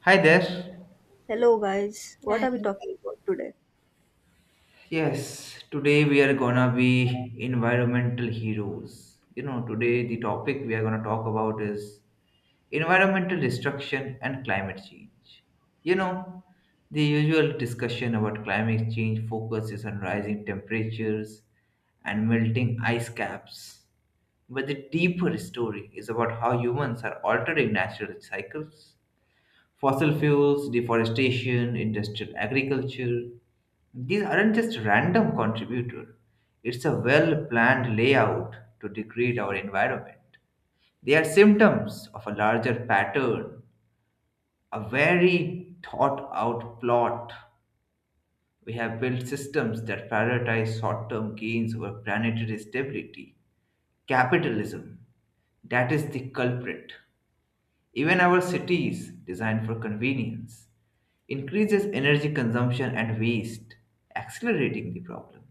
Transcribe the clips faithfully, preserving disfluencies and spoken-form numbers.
Hi there. Hello, guys. What are we Right. talking about today? Yes, today we are gonna be environmental heroes. You know, today the topic we are gonna talk about is environmental destruction and climate change. You know, the usual discussion about climate change focuses on rising temperatures and melting ice caps. But the deeper story is about how humans are altering natural cycles. Fossil fuels, deforestation, industrial agriculture, these aren't just random contributor. It's a well-planned layout to degrade our environment. They are symptoms of a larger pattern, a very thought-out plot. We have built systems that prioritize short-term gains over planetary stability. Capitalism, that is the culprit. Even our cities, designed for convenience, increases energy consumption and waste, accelerating the problem.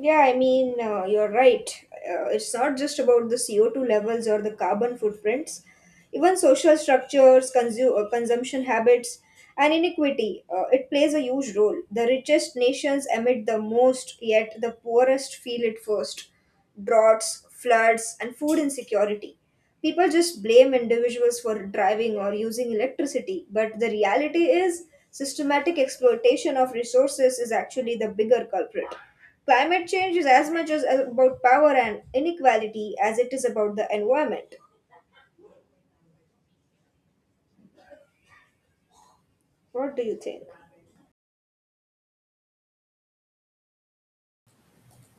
Yeah, I mean, uh, you're right. Uh, it's not just about the C O two levels or the carbon footprints. Even social structures, consu- uh, consumption habits, and inequity. Uh, it plays a huge role. The richest nations emit the most, yet the poorest feel it first. Droughts, floods, and food insecurity. People just blame individuals for driving or using electricity, but the reality is systematic exploitation of resources is actually the bigger culprit. Climate change is as much as as about power and inequality as it is about the environment. What do you think?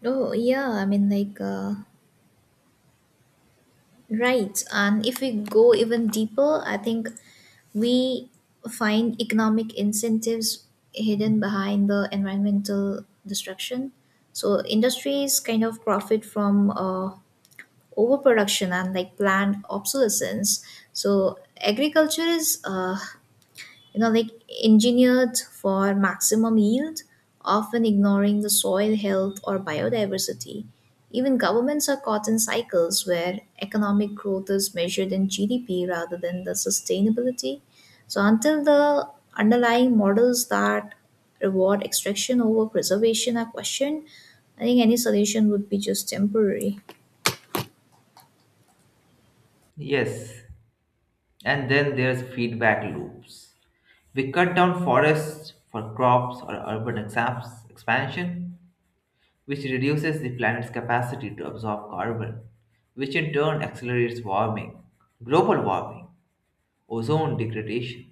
Oh, yeah. I mean, like, uh, right. And if we go even deeper, I think we find economic incentives hidden behind the environmental destruction. So industries kind of profit from uh, overproduction and like planned obsolescence. So agriculture is uh, you know like engineered for maximum yield, often ignoring the soil health or biodiversity. Even governments are caught in cycles where economic growth is measured in G D P rather than the sustainability. So until the underlying models that reward extraction over preservation are questioned, I think any solution would be just temporary. Yes, and then there's feedback loops. We cut down forests for crops or urban exams- expansion, which reduces the planet's capacity to absorb carbon, which in turn accelerates warming, global warming, ozone degradation,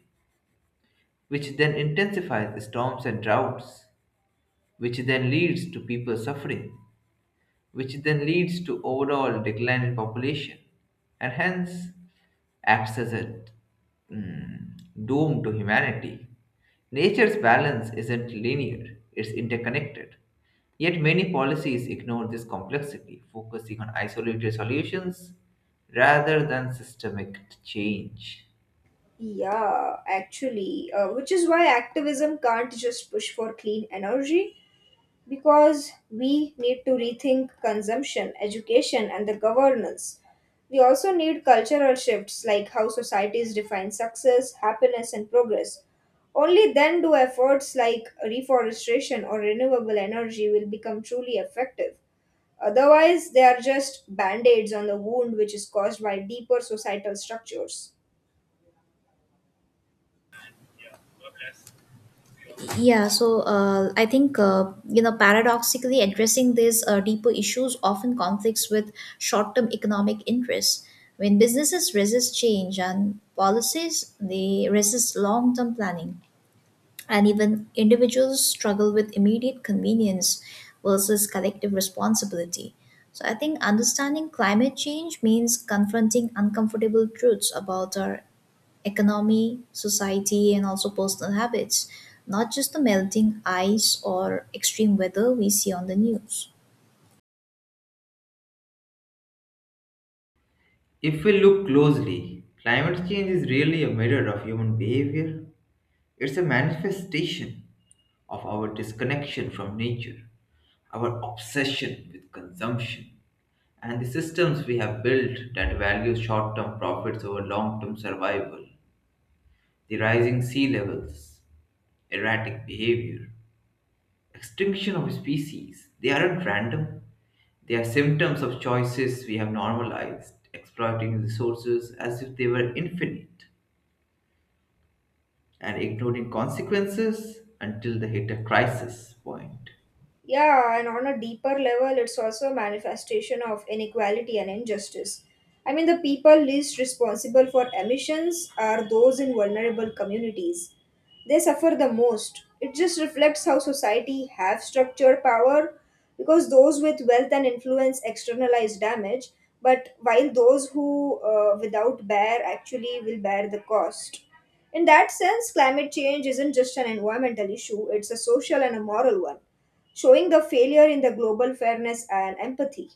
which then intensifies the storms and droughts, which then leads to people suffering, which then leads to overall decline in population, and hence acts as a mm, doom to humanity. Nature's balance isn't linear, it's interconnected. Yet many policies ignore this complexity, focusing on isolated solutions rather than systemic change. Yeah, actually, uh, which is why activism can't just push for clean energy because we need to rethink consumption, education, and the governance. We also need cultural shifts like how societies define success, happiness, and progress. Only then do efforts like reforestation or renewable energy will become truly effective. Otherwise, they are just band aids on the wound which is caused by deeper societal structures. Yeah, so uh, I think uh, you know, paradoxically, addressing these uh, deeper issues often conflicts with short-term economic interests. When businesses resist change and policies, they resist long-term planning, and even individuals struggle with immediate convenience versus collective responsibility. So, I think understanding climate change means confronting uncomfortable truths about our economy, society, and also personal habits, not just the melting ice or extreme weather we see on the news. If we look closely, climate change is really a mirror of human behavior. It's a manifestation of our disconnection from nature, our obsession with consumption, and the systems we have built that value short term profits over long term survival, the rising sea levels, erratic behavior, extinction of species. They aren't random, they are symptoms of choices we have normalized, exploiting resources as if they were infinite and ignoring consequences until they hit a crisis point. Yeah, and on a deeper level, it's also a manifestation of inequality and injustice. I mean, the people least responsible for emissions are those in vulnerable communities. They suffer the most. It just reflects how society have structured power because those with wealth and influence externalize damage, but while those who uh, without bear actually will bear the cost. In that sense, climate change isn't just an environmental issue, it's a social and a moral one showing the failure in the global fairness and empathy.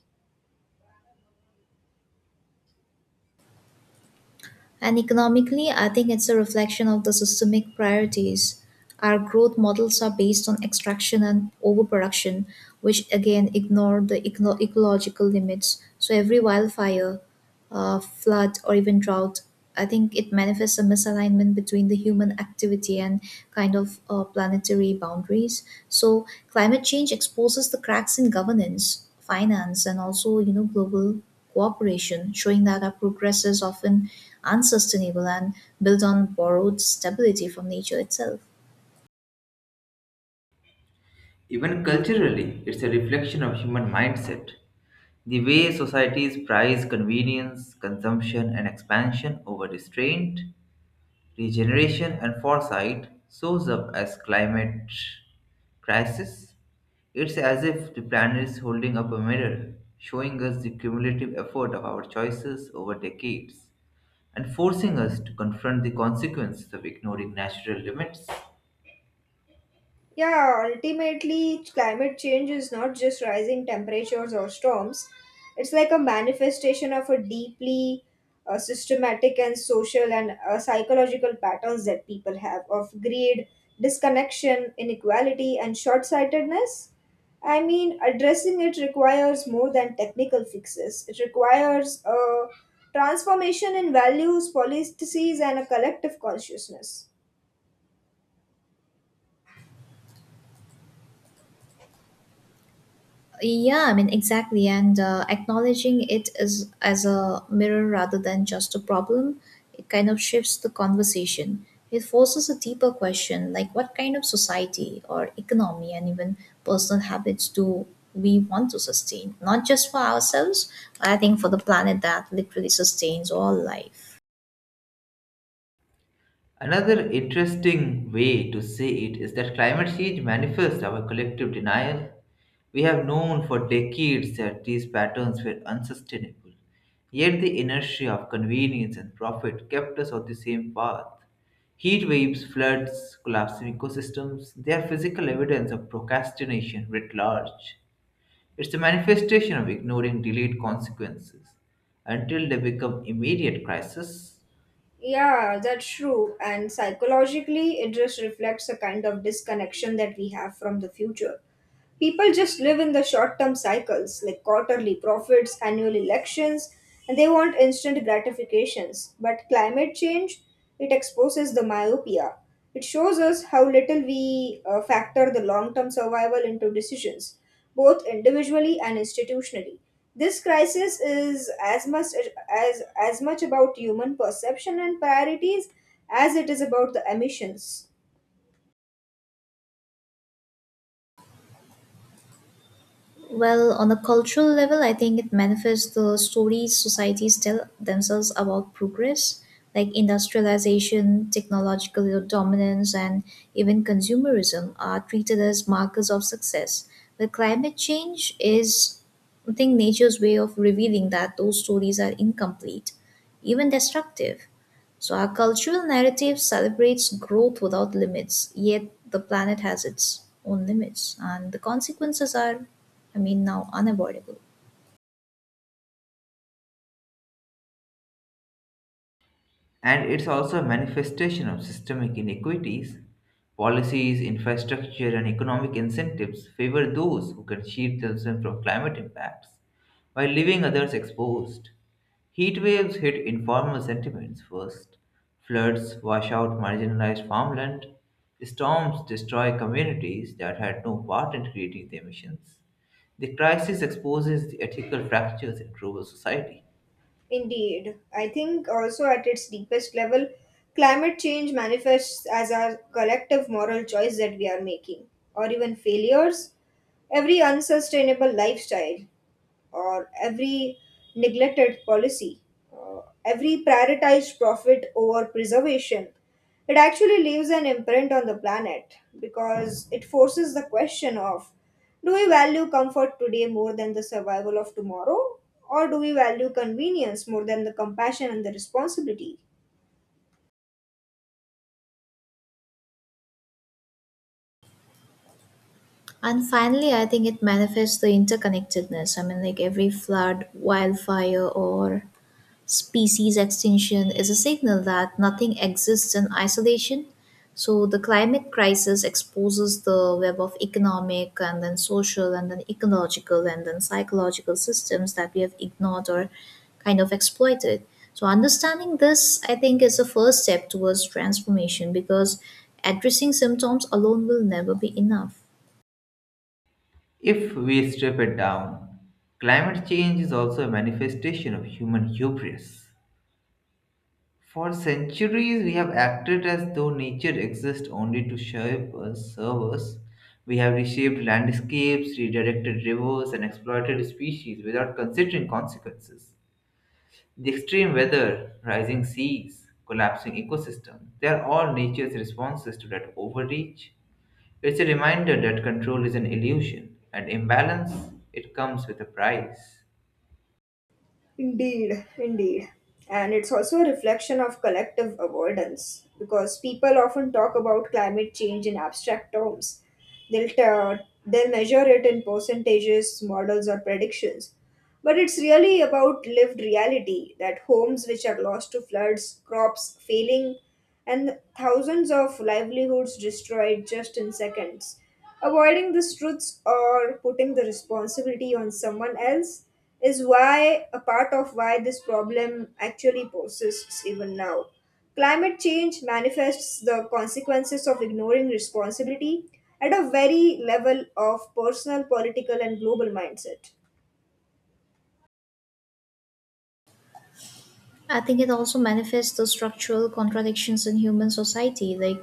And economically, I think it's a reflection of the systemic priorities. Our growth models are based on extraction and overproduction, which again ignore the eco- ecological limits. So every wildfire, uh, flood, or even drought, I think it manifests a misalignment between the human activity and kind of uh, planetary boundaries. So climate change exposes the cracks in governance, finance, and also, you know, global cooperation, showing that our progress is often unsustainable and built on borrowed stability from nature itself. Even culturally, it's a reflection of human mindset. The way societies prize convenience, consumption, and expansion over restraint, regeneration, and foresight shows up as climate crisis. It's as if the planet is holding up a mirror, showing us the cumulative effort of our choices over decades and forcing us to confront the consequences of ignoring natural limits. Yeah, ultimately, climate change is not just rising temperatures or storms. It's like a manifestation of a deeply uh, systematic and social and uh, psychological patterns that people have of greed, disconnection, inequality, and short sightedness. I mean, addressing it requires more than technical fixes, it requires a transformation in values, policies, and a collective consciousness. Yeah, I mean, exactly. And uh, acknowledging it as, as a mirror rather than just a problem, it kind of shifts the conversation. It forces a deeper question, like what kind of society or economy and even personal habits do we want to sustain? Not just for ourselves, but I think for the planet that literally sustains all life. Another interesting way to say it is that climate change manifests our collective denial. We have known for decades that these patterns were unsustainable, yet the inertia of convenience and profit kept us on the same path. Heat waves, floods, collapsing ecosystems, they are physical evidence of procrastination writ large. It's a manifestation of ignoring delayed consequences until they become immediate crises. Yeah, that's true. And psychologically, it just reflects a kind of disconnection that we have from the future. People just live in the short term cycles like quarterly profits, annual elections, and they want instant gratifications. But climate change, it exposes the myopia. It shows us how little we uh, factor the long term survival into decisions, both individually and institutionally. This crisis is as much as as much about human perception and priorities as it is about the emissions. Well, on a cultural level, I think it manifests the stories societies tell themselves about progress, like industrialization, technological dominance, and even consumerism are treated as markers of success. But climate change is, I think, nature's way of revealing that those stories are incomplete, even destructive. So our cultural narrative celebrates growth without limits, yet the planet has its own limits, and the consequences are, I mean, now unavoidable. And it's also a manifestation of systemic inequities. Policies, infrastructure, and economic incentives favor those who can shield themselves from climate impacts while leaving others exposed. Heat waves hit informal settlements first. Floods wash out marginalized farmland. Storms destroy communities that had no part in creating the emissions. The crisis exposes the ethical fractures in global society. Indeed. I think also at its deepest level, climate change manifests as our collective moral choice that we are making, or even failures. Every unsustainable lifestyle, or every neglected policy, uh, every prioritized profit over preservation, it actually leaves an imprint on the planet because it forces the question of, do we value comfort today more than the survival of tomorrow? Or do we value convenience more than the compassion and the responsibility? And finally, I think it manifests the interconnectedness. I mean, like every flood, wildfire, or species extinction is a signal that nothing exists in isolation. So the climate crisis exposes the web of economic and then social and then ecological and then psychological systems that we have ignored or kind of exploited. So understanding this, I think, is the first step towards transformation, because addressing symptoms alone will never be enough. If we strip it down, climate change is also a manifestation of human hubris. For centuries, we have acted as though nature exists only to shape us, serve us. We have reshaped landscapes, redirected rivers, and exploited species without considering consequences. The extreme weather, rising seas, collapsing ecosystems, they are all nature's responses to that overreach. It's a reminder that control is an illusion, and imbalance, it comes with a price. Indeed, indeed. And it's also a reflection of collective avoidance because people often talk about climate change in abstract terms. They'll, t- they'll measure it in percentages, models, or predictions. But it's really about lived reality that homes which are lost to floods, crops failing, and thousands of livelihoods destroyed just in seconds. Avoiding these truths or putting the responsibility on someone else is why a part of why this problem actually persists even now. Climate change manifests the consequences of ignoring responsibility at a very level of personal, political, and global mindset. I think it also manifests the structural contradictions in human society. Like,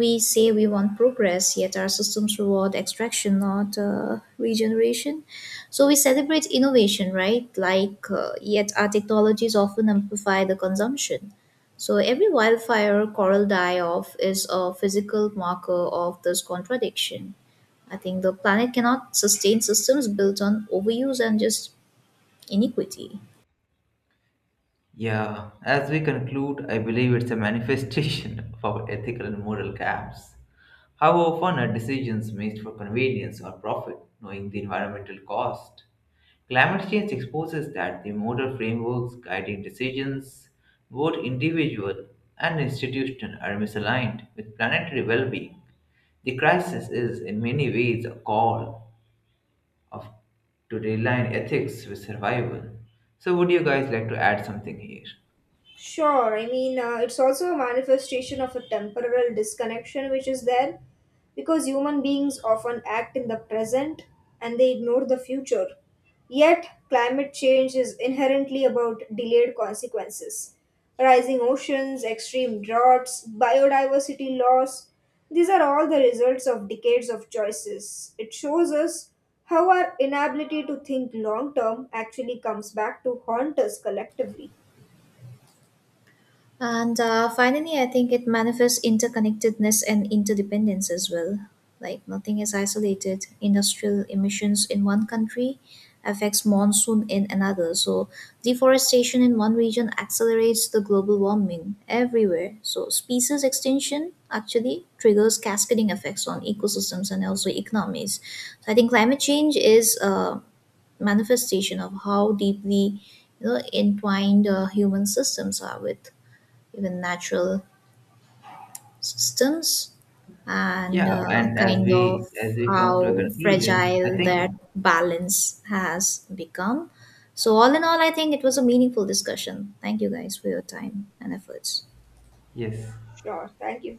we say we want progress, yet our systems reward extraction, not uh, regeneration. So we celebrate innovation, right? Like uh, yet our technologies often amplify the consumption. So every wildfire, coral die off is a physical marker of this contradiction. I think the planet cannot sustain systems built on overuse and just inequity. Yeah, as we conclude, I believe it's a manifestation of our ethical and moral gaps. How often are decisions made for convenience or profit, knowing the environmental cost? Climate change exposes that the moral frameworks guiding decisions, both individual and institutional, are misaligned with planetary well being. The crisis is, in many ways, a call of to realign ethics with survival. So would you guys like to add something here? Sure, I mean, uh, it's also a manifestation of a temporal disconnection which is there because human beings often act in the present and they ignore the future. Yet, climate change is inherently about delayed consequences. Rising oceans, extreme droughts, biodiversity loss, these are all the results of decades of choices. It shows us how our inability to think long term actually comes back to haunt us collectively. And uh, finally, I think it manifests interconnectedness and interdependence as well. Like, nothing is isolated. Industrial emissions in one country affects monsoon in another. So deforestation in one region accelerates the global warming everywhere. So species extinction actually triggers cascading effects on ecosystems and also economies. So I think climate change is a manifestation of how deeply, you know, entwined uh, human systems are with even natural systems, and Yeah, uh, and as kind of we as we come to a how conclusion, I fragile think that balance has become. So, all in all, I think it was a meaningful discussion. Thank you guys for your time and efforts. yes. Sure. Thank you.